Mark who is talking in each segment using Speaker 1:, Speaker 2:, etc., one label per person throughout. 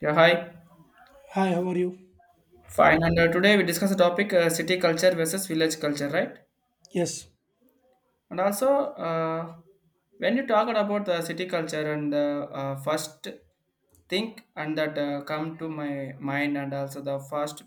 Speaker 1: Yeah, hi.
Speaker 2: Hi, how are you?
Speaker 1: Fine. And today we discuss the topic city culture versus village culture, right?
Speaker 2: Yes,
Speaker 1: And also, uh, when you talk about the city culture and the first think and that come to my mind and also the first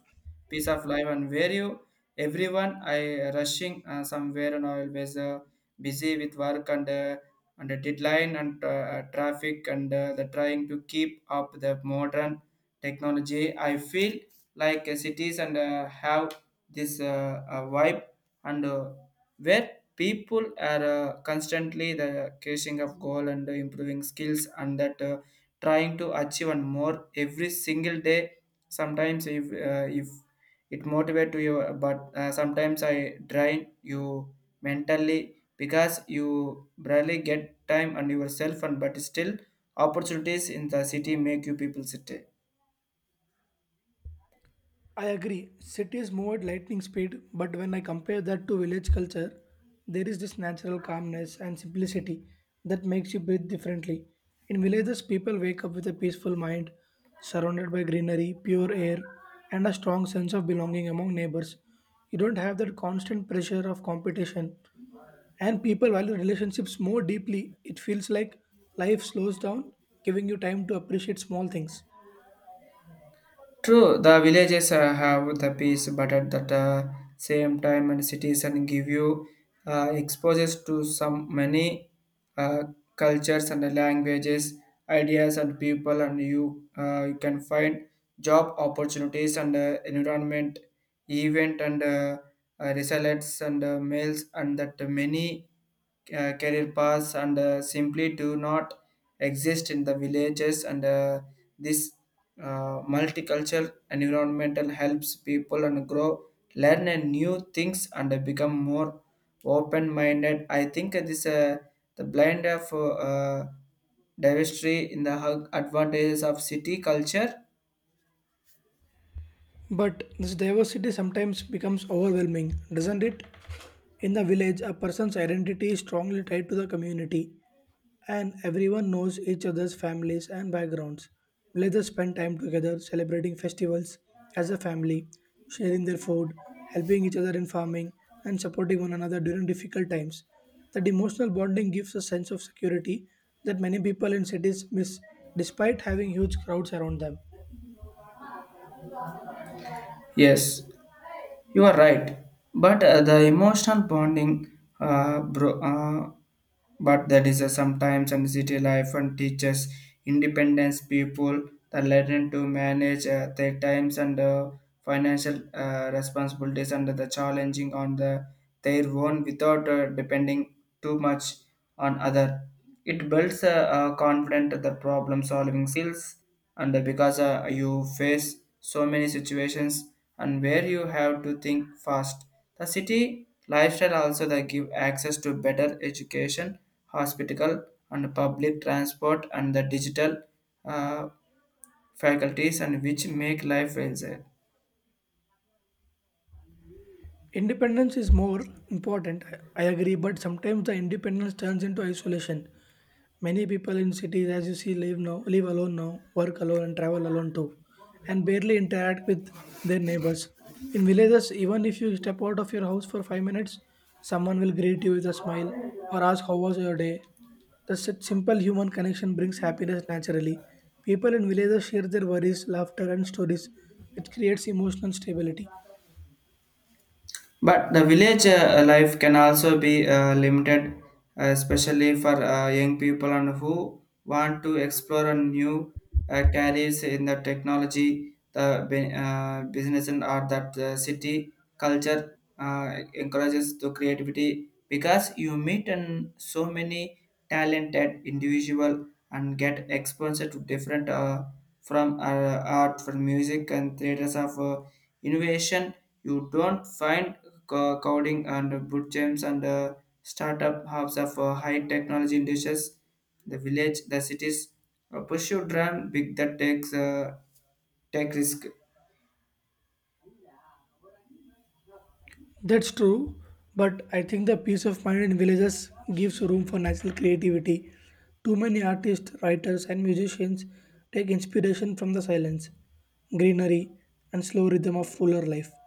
Speaker 1: piece of life and where you everyone I rushing somewhere and always busy with work and the deadline and traffic and the trying to keep up the modern technology. I feel like cities and have this vibe and where people are constantly the chasing of goal and improving skills and that trying to achieve and more every single day sometimes if it motivate to you, but sometimes I drain you mentally because you barely get time and yourself and but still opportunities in the city make you people sit.
Speaker 2: I agree. Cities move at lightning speed, but when I compare that to village culture, there is this natural calmness and simplicity that makes you breathe differently. In villages, people wake up with a peaceful mind, surrounded by greenery, pure air, and a strong sense of belonging among neighbors. You don't have that constant pressure of competition, and people value relationships more deeply. It feels like life slows down, giving you time to appreciate small things.
Speaker 1: True, the villages have the peace, but at that same time, and cities and give you exposures to some many uh, cultures and languages, ideas and people, and you can find job opportunities and environment, event and resilience and mails, and that many career paths and simply do not exist in the villages and this multicultural environmental helps people and grow learn and new things and become more open minded. I think this the blind of diversity in the advantages of city culture.
Speaker 2: But this diversity sometimes becomes overwhelming, doesn't it? In the village, a person's identity is strongly tied to the community, and everyone knows each other's families and backgrounds. Villagers spend time together celebrating festivals as a family, sharing their food, helping each other in farming, and supporting one another during difficult times. That emotional bonding gives a sense of security that many people in cities miss despite having huge crowds around them.
Speaker 1: Yes, you are right, but the emotional bonding, bro, but that is a sometimes and city life and teaches independence people the learn to manage their times and financial responsibilities and the challenging on the their own without depending too much on other. It builds a confident the problem solving skills, and because you face so many situations and where you have to think fast. The city lifestyle also they give access to better education, hospital, and public transport and the digital uh, faculties and which make life easier.
Speaker 2: Independence is more important, I agree, but sometimes the independence turns into isolation. Many people in cities, as you see, live now, live alone now, work alone, and travel alone too, and barely interact with their neighbors. In villages, even if you step out of your house for 5 minutes, someone will greet you with a smile or ask how was your day. The simple human connection brings happiness naturally. People in villages share their worries, laughter, and stories, which creates emotional stability.
Speaker 1: But the village life can also be limited, especially for young people and who want to explore a new careers in the technology, the business, and art. That the city culture encourages the creativity because you meet and so many talented individual and get exposure to different, from art from music and theaters of innovation. You don't find coding and boot camps and startup hubs of high technology industries. The village the cities a pursue dream big that take risk.
Speaker 2: That's true, but I think the peace of mind in villages gives room for natural creativity. Too many artists, writers, and musicians take inspiration from the silence, greenery, and slow rhythm of fuller life.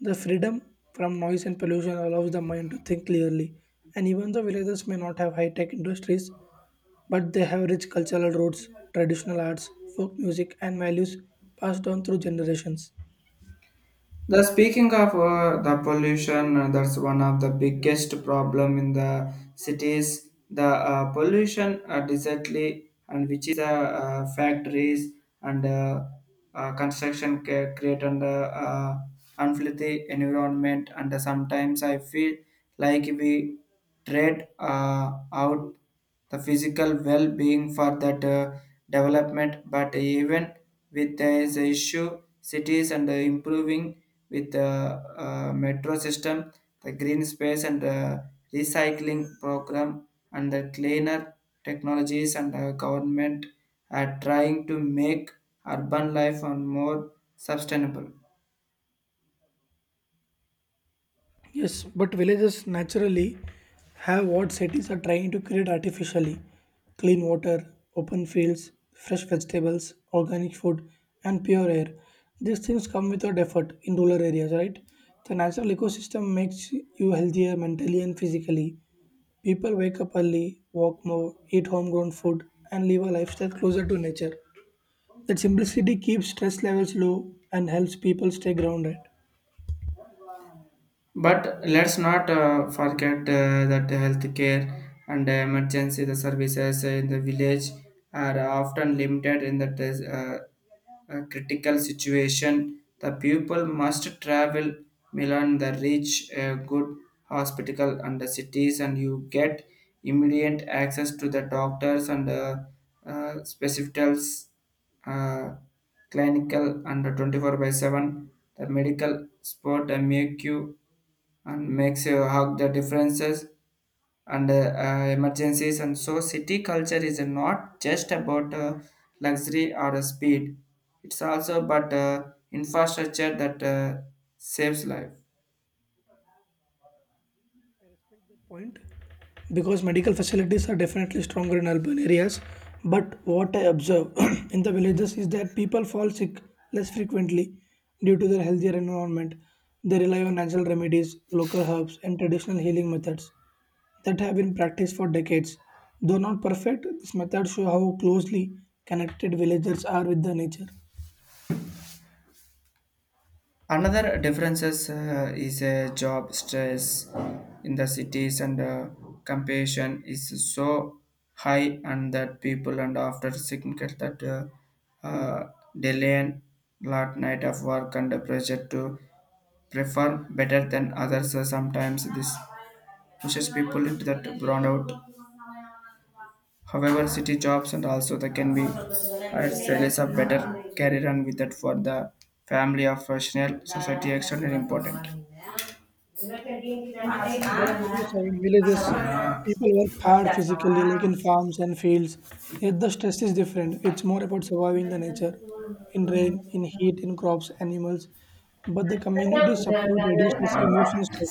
Speaker 2: The freedom from noise and pollution allows the mind to think clearly, and even the villages may not have high tech industries, but they have rich cultural roots, traditional arts, folk music, and values passed on through generations.
Speaker 1: The speaking of the pollution, that's one of the biggest problem in the cities. The pollution, desertly, and which is the factories and construction create an unhealthy environment. And sometimes I feel like we trade out the physical well-being for that development. But even with this issue, cities and improving with the metro system, the green space and the recycling program and the cleaner technologies, and the government are trying to make urban life on more sustainable.
Speaker 2: Yes, but villages naturally have what cities are trying to create artificially clean water, open fields, fresh vegetables, organic food, and pure air. These things come without effort in rural areas, right? The natural ecosystem makes you healthier mentally and physically. People wake up early, walk more, eat homegrown food, and live a lifestyle closer to nature. That simplicity keeps stress levels low and helps people stay grounded.
Speaker 1: But let's not forget that the healthcare and the emergency the services in the village are often limited in that critical situation. The people must travel Milan the reach a good hospital, and the cities and you get immediate access to the doctors and specialists, uh, clinical and 24/7 the medical sport make you and makes you hug the differences and emergencies, and so city culture is not just about luxury or speed. It's also about infrastructure that saves life.
Speaker 2: Point, because medical facilities are definitely stronger in urban areas, but what I observe in the villages is that people fall sick less frequently due to their healthier environment. They rely on natural remedies, local herbs, and traditional healing methods that have been practiced for decades. Though not perfect, these methods show how closely connected villagers are with the nature.
Speaker 1: Another differences is a job stress in the cities and competition is so high and that people and after significant that delay and lot night of work under pressure to perform better than others. So sometimes this pushes people into that burnout. However, city jobs and also they can be at Australia's a better career and with that for the family of professional society extremely important.
Speaker 2: But you know, so in villages, people work hard physically, like in farms and fields. Yet the stress is different. It's more about surviving the nature, in rain, in heat, in crops, animals. But the community support reduces emotional stress.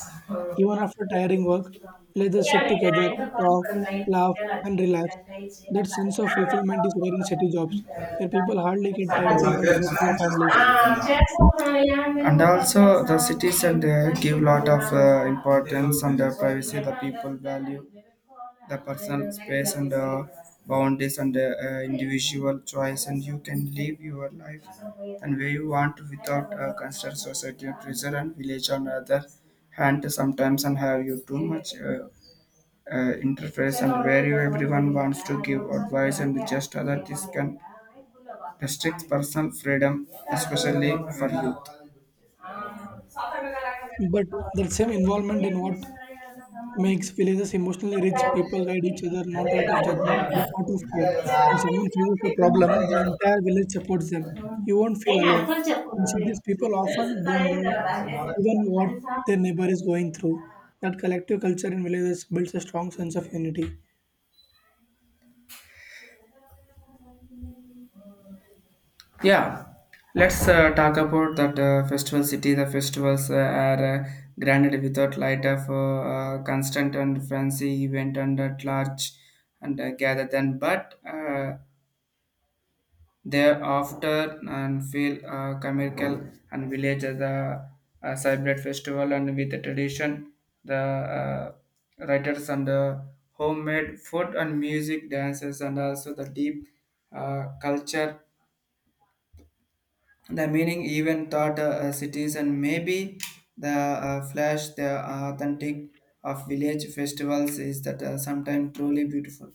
Speaker 2: Even after tiring work, villages sit together, talk, laugh, and relax. That sense of fulfillment is rare in city jobs, where people hardly get time to
Speaker 1: Thank
Speaker 2: even
Speaker 1: you.
Speaker 2: talk to their families.
Speaker 1: And also the cities and give lot of importance and privacy. The people value the personal space and boundaries and individual choice, and you can live your life and where you want to without constant society pressure. And village on the other hand sometimes and have you too much interface and where you everyone wants to give advice and just other, this can restrict personal freedom especially for
Speaker 2: But that same involvement in what makes villages emotionally rich. People guide each other not out of judgment but out of fear. When someone faces a problem, the entire village supports them. You won't feel alone. In cities, people often don't know
Speaker 1: youth.
Speaker 2: even what their neighbor is going through. That collective culture in villages builds a strong sense of unity.
Speaker 1: Yeah, let's talk about that festival city. The festivals are granted without light of constant and fancy event and at large and gather then, but thereafter and feel commercial. And village as a celebrate festival and with the tradition, the writers and homemade food and music, dances and also the deep culture. The meaning even taught cities and maybe the flash, the authentic of village festivals is that sometimes truly beautiful.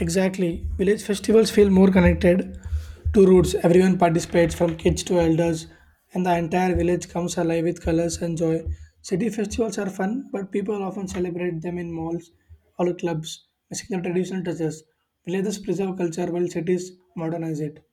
Speaker 2: Exactly. Village festivals feel more connected to roots. Everyone participates from kids to elders, and the entire village comes alive with colors and joy. City festivals are fun, but people often celebrate them in malls or clubs, missing the traditional touches. Villages preserve culture while cities modernize it.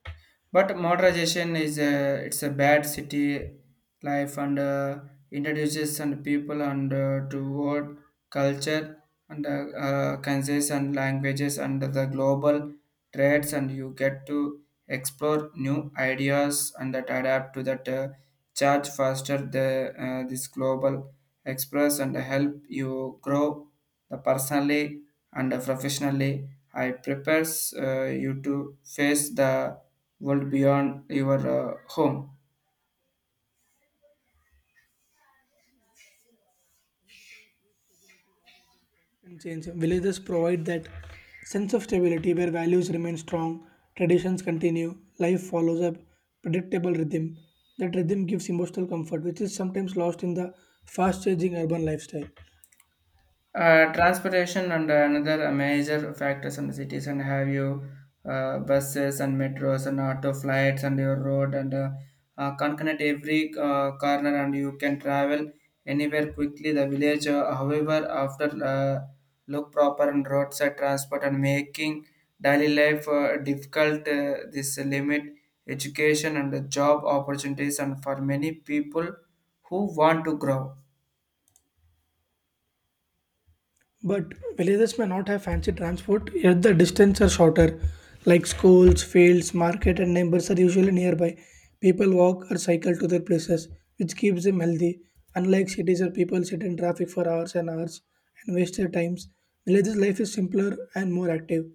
Speaker 1: But modernization it's a bad city life and introduces and people and toward culture and countries and languages and the global trades, and you get to explore new ideas and that adapt to that charge faster the this global express and help you grow the personally and professionally. I prepares you to face the world beyond your home.
Speaker 2: And change. Villages provide that sense of stability where values remain strong, traditions continue, life follows a predictable rhythm. That rhythm gives emotional comfort, which is sometimes lost in the fast changing urban lifestyle.
Speaker 1: Transportation and another major factors in the cities and have you buses and metros and auto flights and your road and can connect every corner, and you can travel anywhere quickly. The village however after look proper and roadside transport, and making daily life difficult. This limit education and the job opportunities and for many people who want to grow.
Speaker 2: But villages may not have fancy transport, yet the distances are shorter, like schools, fields, market, and neighbors are usually nearby. People walk or cycle to their places, which keeps them healthy. Unlike cities where people sit in traffic for hours and hours and waste their times, villages life is simpler and more active.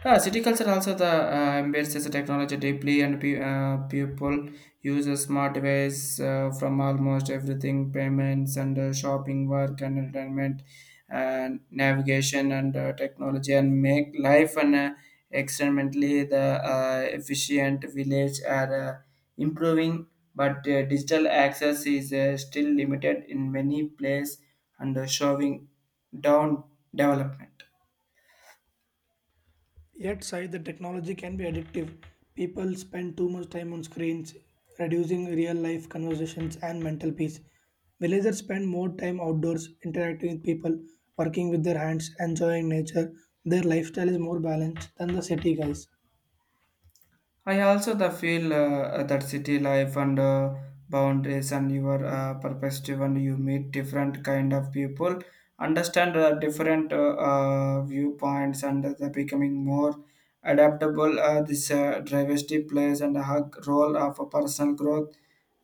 Speaker 1: Huh, city culture also the embraces the technology deeply, and people use a smart device from almost everything payments and shopping work and entertainment and navigation and technology and make life and experimentally the efficient village are improving, but digital access is still limited in many places and showing down development.
Speaker 2: Yet, side the technology can be addictive. People spend too much time on screens, reducing real life conversations and mental peace. Villagers spend more time outdoors, interacting with people, working with their hands, enjoying nature. Their lifestyle is more balanced than the city guys.
Speaker 1: I also the feel that city life and boundaries and your perspective, and you meet different kind of people, understand different viewpoints and the becoming more adaptable. This diversity plays and a role of a personal growth.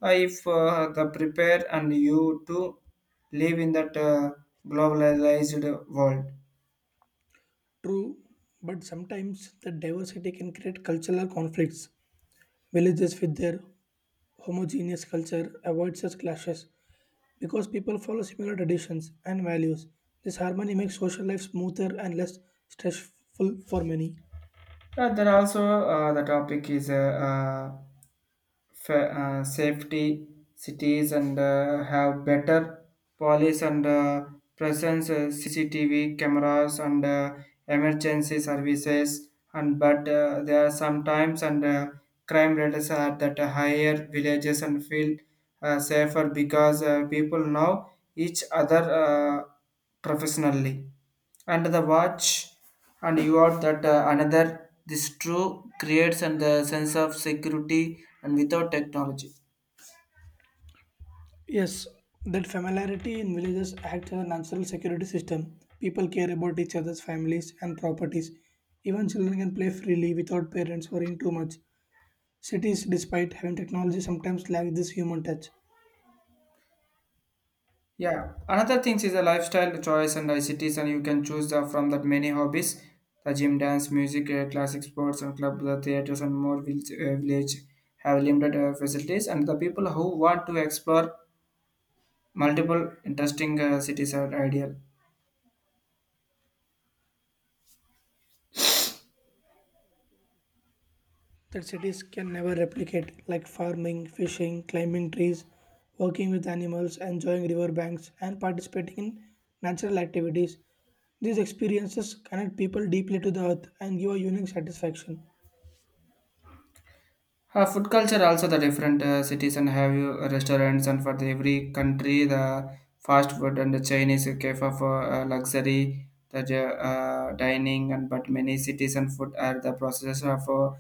Speaker 1: If the prepare and you to live in that globalized world.
Speaker 2: True, but sometimes the diversity can create cultural conflicts. Villages with their homogeneous culture avoid such clashes, because people follow similar traditions and values. This harmony makes social life smoother and less stressful for many.
Speaker 1: There also the topic is safety. Cities and have better police and presence, CCTV cameras and emergency services, and but there are sometimes and crime rates are that higher. Villages and feel safer because people know each other professionally and the watch, and you are that another this true creates and the sense of security and without technology.
Speaker 2: Yes, that familiarity in villages acts as a natural security system. People care about each other's families and properties. Even children can play freely without parents worrying too much. Cities, despite having technology, sometimes lack this human touch.
Speaker 1: Yeah, another thing is a lifestyle choice and icts, and you can choose from that many hobbies the gym dance music classic sports and club the theaters and more village have limited facilities, and the people who want to explore multiple interesting cities are ideal.
Speaker 2: That cities can never replicate, like farming, fishing, climbing trees, working with animals, enjoying riverbanks, and participating in natural activities. These experiences connect people deeply to the earth and give a unique satisfaction.
Speaker 1: Food culture also the different cities and have you restaurants and for the every country the fast food and the Chinese cafe for luxury that dining, and but many cities and food are the process of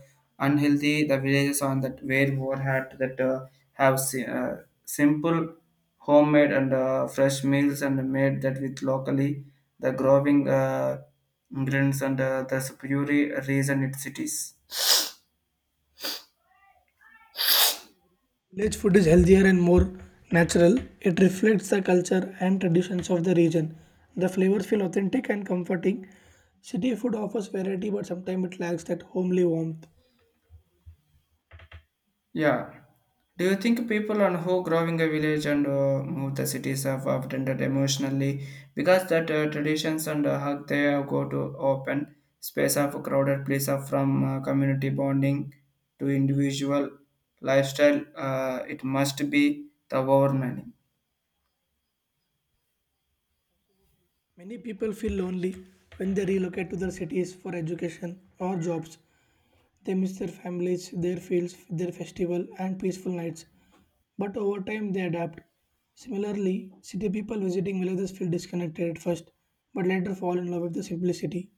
Speaker 1: unhealthy. The villages on that where more had that have simple homemade and fresh meals and made that with locally the growing ingredients and the superior reason it cities.
Speaker 2: Village food is healthier and more natural. It reflects the culture and traditions of the region. The flavors feel authentic and comforting. City food offers variety, but sometimes it lacks that homely warmth.
Speaker 1: Yeah. Do you think people on who growing a village and move the cities have often that emotionally because that traditions and hug they go to open space of crowded place of from community bonding to individual lifestyle. It must be the overmining.
Speaker 2: Many people feel lonely when they relocate to their cities for education or jobs. They miss their families, their fields, their festival, and peaceful nights. But over time, they adapt. Similarly, city people visiting villages feel disconnected at first, but later fall in love with the simplicity.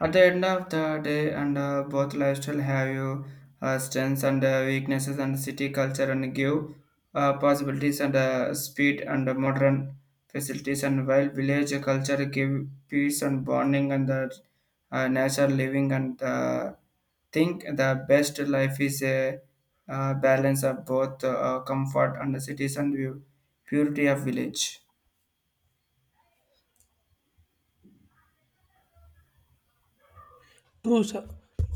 Speaker 1: At the end of the day, and both lifestyle have you strengths and weaknesses, and city culture and give possibilities and speed and modern facilities, and while village culture give peace and bonding and the nature living and think the best life is a balance of both comfort and the cities and view, purity of village.
Speaker 2: True, sir.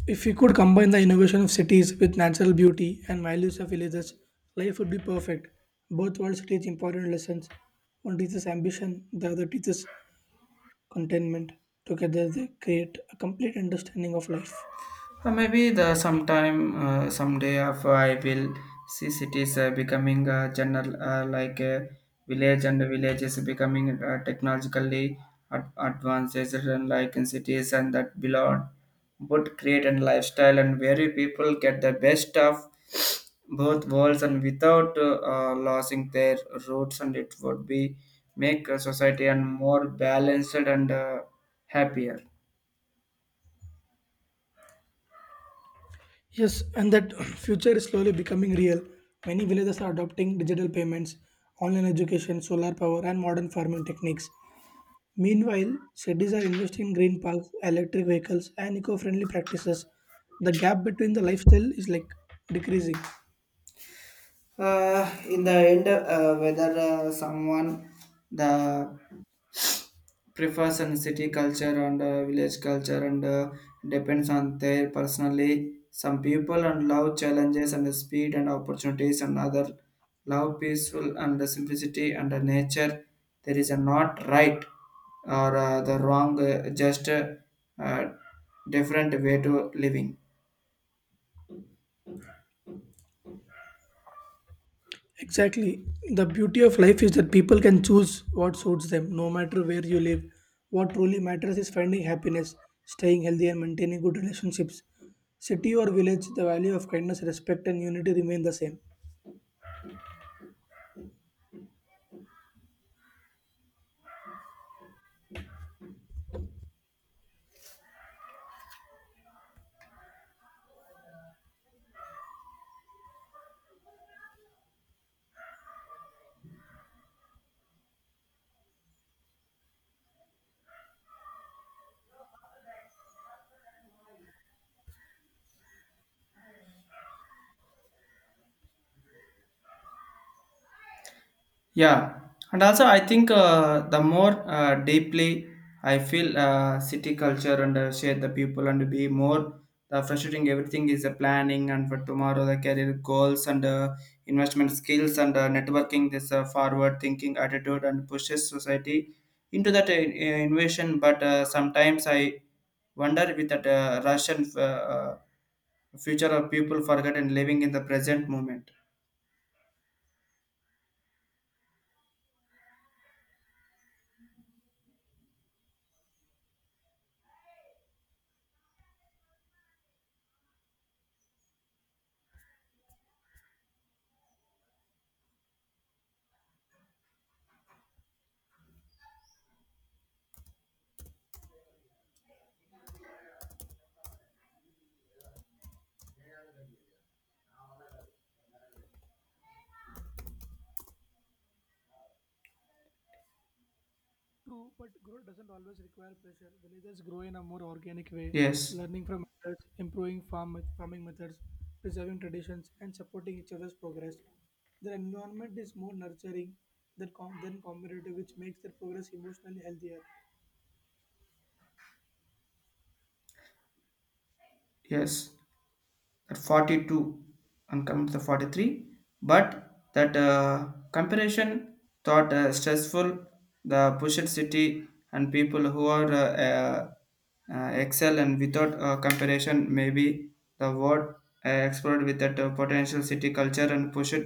Speaker 2: If we could combine the innovation of cities with natural beauty and values of villages, life would be perfect. Both worlds teach important lessons. One teaches ambition, the other teaches contentment. Together, they create a complete understanding of life.
Speaker 1: Or maybe the sometime someday of I will see cities becoming general like a village and villages becoming technologically advanced and like in cities and that belong would create a lifestyle and where people get the best of both worlds and without losing their roots and it would be make a society and more balanced and happier.
Speaker 2: Yes, and that future is slowly becoming real. Many villages are adopting digital payments, online education, solar power, and modern farming techniques. Meanwhile, cities are investing in green parks, electric vehicles, and eco friendly practices. The gap between the lifestyle is like decreasing.
Speaker 1: In the end, whether someone the prefers in city culture and village culture and depends on their personally. Some people and love challenges and speed and opportunities, and other love peaceful and the simplicity and the nature. There is a not right or the wrong, just uh, different way to living.
Speaker 2: Exactly. The beauty of life is that people can choose what suits them, no matter where you live. What truly matters is finding happiness, staying healthy, and maintaining good relationships. City or village, the value of kindness, respect, and unity remain the same.
Speaker 1: Yeah, and also I think the more deeply I feel city culture and share the people and be more the frustrating everything is the planning and for tomorrow the career goals and investment skills and networking this forward thinking attitude and pushes society into that innovation. But sometimes I wonder with that Russian future of people forgotten living in the present moment.
Speaker 2: True, but growth doesn't always require pressure. Villages grow in a more organic way,
Speaker 1: Yes,
Speaker 2: learning from others, improving farming methods, preserving traditions, and supporting each other's progress. Their environment is more nurturing than, than competitive, which makes their progress emotionally healthier.
Speaker 1: yes. At 42 and come to the 43 but that comparison thought stressful the pushed city and people who are excel and without comparison maybe the world explored with that potential city culture and pushed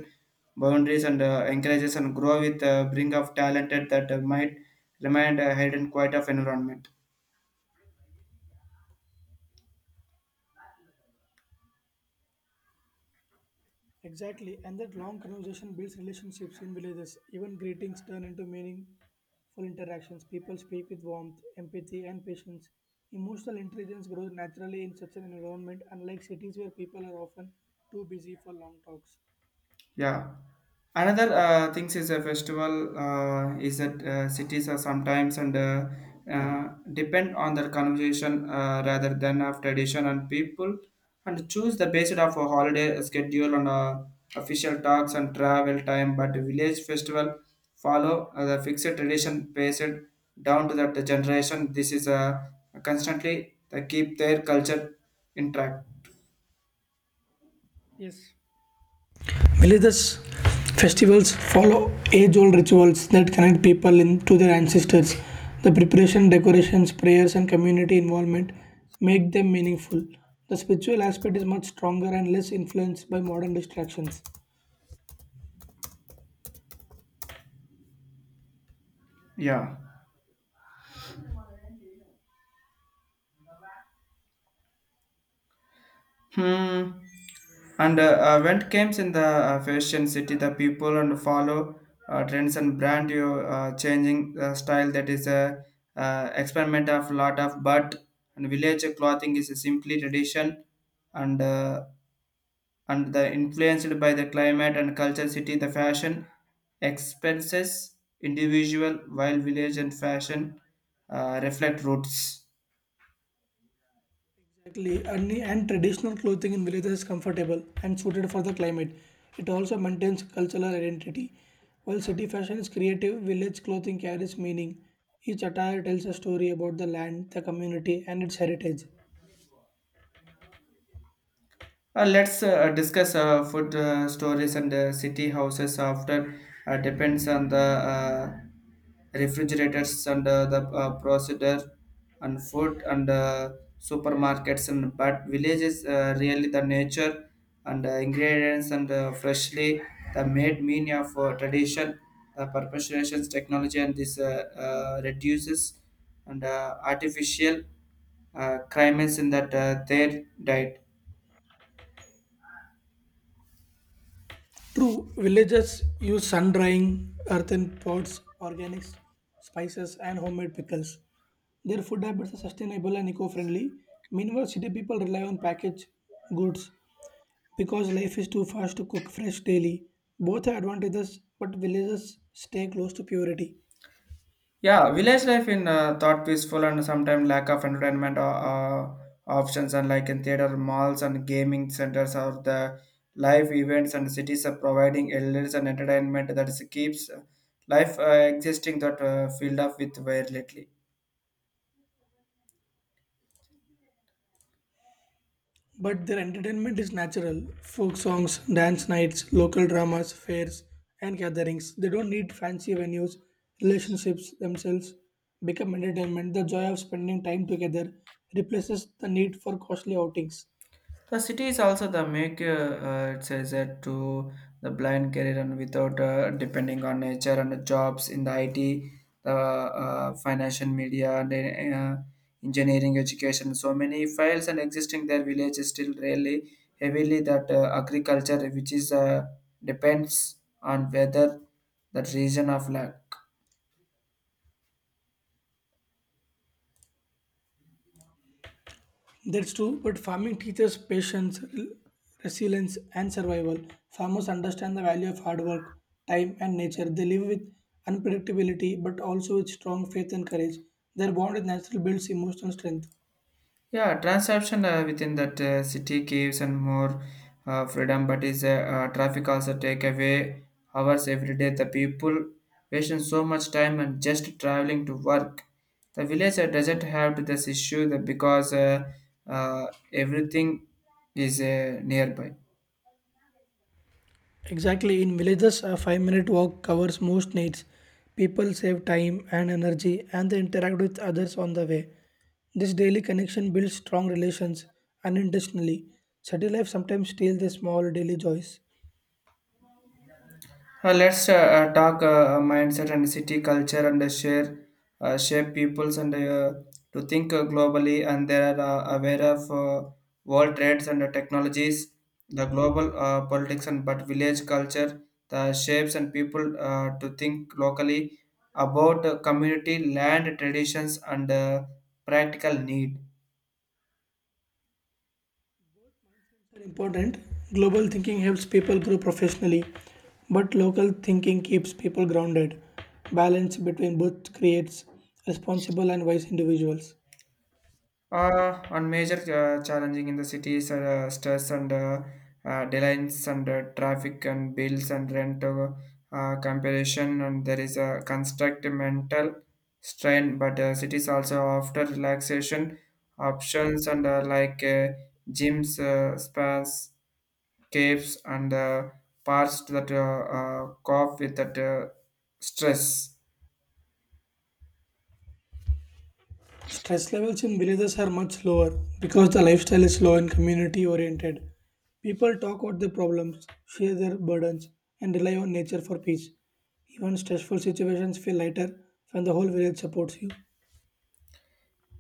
Speaker 1: boundaries and encourages and grow with bring of talented that might remain a hidden quiet of environment.
Speaker 2: Exactly, and that long conversation builds relationships in villages. Even greetings turn into meaningful interactions. People speak with warmth, empathy, and patience. Emotional intelligence grows naturally in such an environment, unlike cities where people are often too busy for long talks.
Speaker 1: Yeah. Another things is a festival is that cities are sometimes and depend on their conversation rather than of tradition and people and choose the based of a holiday schedule on official talks and travel time. But village festival follow the fixed tradition based down to that generation. This is constantly they keep their culture intact.
Speaker 2: Yes. Religious festivals follow age old rituals that connect people in, to their ancestors. The preparation, decorations, prayers, and community involvement make them meaningful. The spiritual aspect is much stronger and less influenced by modern distractions.
Speaker 1: Yeah. Hmm. And when it comes in the fashion city, the people and follow trends and brand you changing style that is a experiment of lot of but and village clothing is a simply tradition and uh, and the influenced by the climate and culture city the fashion expenses individual while village and fashion reflect roots.
Speaker 2: Exactly, and traditional clothing in villages is comfortable and suited for the climate. It also maintains cultural identity. While city fashion is creative, village clothing carries meaning. Each attire tells a story about the land, the community, and its heritage.
Speaker 1: Let's discuss food stories and city houses after depends on the refrigerators and the procedure and food and supermarkets and but villages really the nature and ingredients and freshly the made meaning of tradition the perpetuations technology and this reduces and artificial crimes in that their diet.
Speaker 2: True, villagers use sun drying, earthen pots, organics, spices, and homemade pickles. Their food habits are sustainable and eco friendly. Meanwhile, city people rely on packaged goods because life is too fast to cook fresh daily. Both have advantages, but villagers stay close to purity.
Speaker 1: Yeah, village life in thought peaceful and sometimes lack of entertainment options and like in theater malls and gaming centers or the live events and cities are providing elders and entertainment that is, keeps life existing that filled up with very little.
Speaker 2: But their entertainment is natural folk songs, dance nights, local dramas, fairs, and gatherings. They don't need fancy venues. Relationships themselves become entertainment. The joy of spending time together replaces the need for costly outings.
Speaker 1: The city is also the make it says that to the blind career and without depending on nature and jobs in the IT, the financial media and engineering education. So many files and existing their village is still really heavily that agriculture which is depends on whether that region of land.
Speaker 2: That's true, but farming teaches patience, resilience, and survival. Farmers understand the value of hard work, time, and nature. They live with unpredictability but also with strong faith and courage. Their bond with nature builds emotional strength.
Speaker 1: Yeah, transaction within that city gives and more freedom, but is traffic also take away hours every day. The people wasting so much time and just traveling to work. The villager doesn't have to this issue that because uh, everything is nearby.
Speaker 2: Exactly, in villages, a 5 minute walk covers most needs. People save time and energy and they interact with others on the way. This daily connection builds strong relations unintentionally. City life sometimes steals the small daily joys.
Speaker 1: Let's talk mindset and city culture and share shape peoples and to think globally and they are aware of world trades and technologies, the global politics and but village culture, the shapes and people to think locally about community land traditions and practical need.
Speaker 2: Are important, global thinking helps people grow professionally, but local thinking keeps people grounded. Balance between both creates responsible and wise individuals.
Speaker 1: One major challenging in the cities are stress and delays and traffic and bills and rent comparison and there is a construct mental strain but cities also offer relaxation options and like gyms, spas, caves and parks that cope with that stress.
Speaker 2: Stress levels in villages are much lower because the lifestyle is slow and community oriented. People talk out their problems, share their burdens, and rely on nature for peace. Even stressful situations feel lighter when the whole village supports you.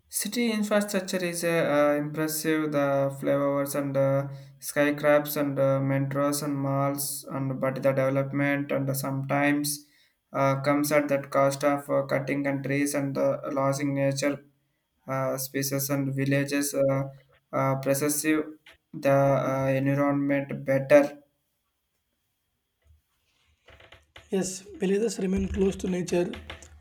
Speaker 1: City infrastructure is impressive. The flyovers and skyscrapers and metros and malls, and but the development and sometimes comes at that cost of cutting countries and losing nature species and villages. Possessive the environment better.
Speaker 2: Yes, villages remain close to nature.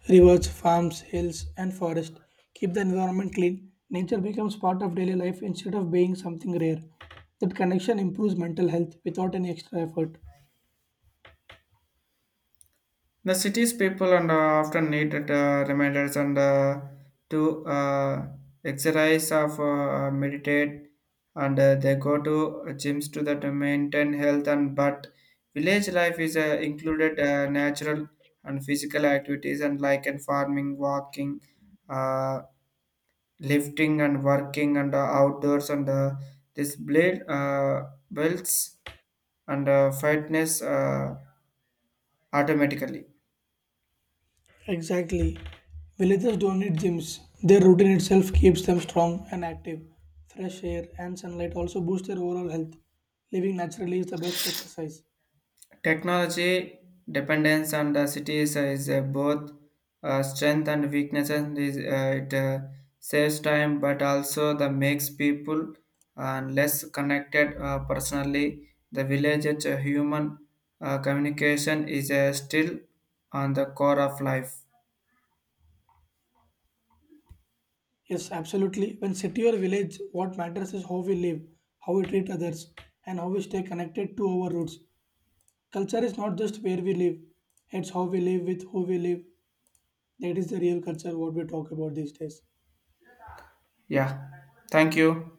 Speaker 2: Rivers, farms, hills, and forests keep the environment clean. Nature becomes part of daily life instead of being something rare. That connection improves mental health without any extra effort.
Speaker 1: The city's people and often needed reminders and to exercise of meditate and they go to gyms to that to maintain health and but village life is included natural and physical activities and like in farming walking uh, lifting and working and outdoors and this blade builds and fitness automatically.
Speaker 2: Exactly. Villagers don't need gyms. Their routine itself keeps them strong and active. Fresh air and sunlight also boost their overall health. Living naturally is the best exercise.
Speaker 1: Technology dependence on the cities is both strength and weakness. And is, it saves time, but also the makes people less connected personally. The villages' human communication is still on the core of life.
Speaker 2: Yes, absolutely. When city or village, what matters is how we live, how we treat others, and how we stay connected to our roots. Culture is not just where we live, it's how we live with who we live. That is the real culture what we talk about these days.
Speaker 1: Yeah, thank you.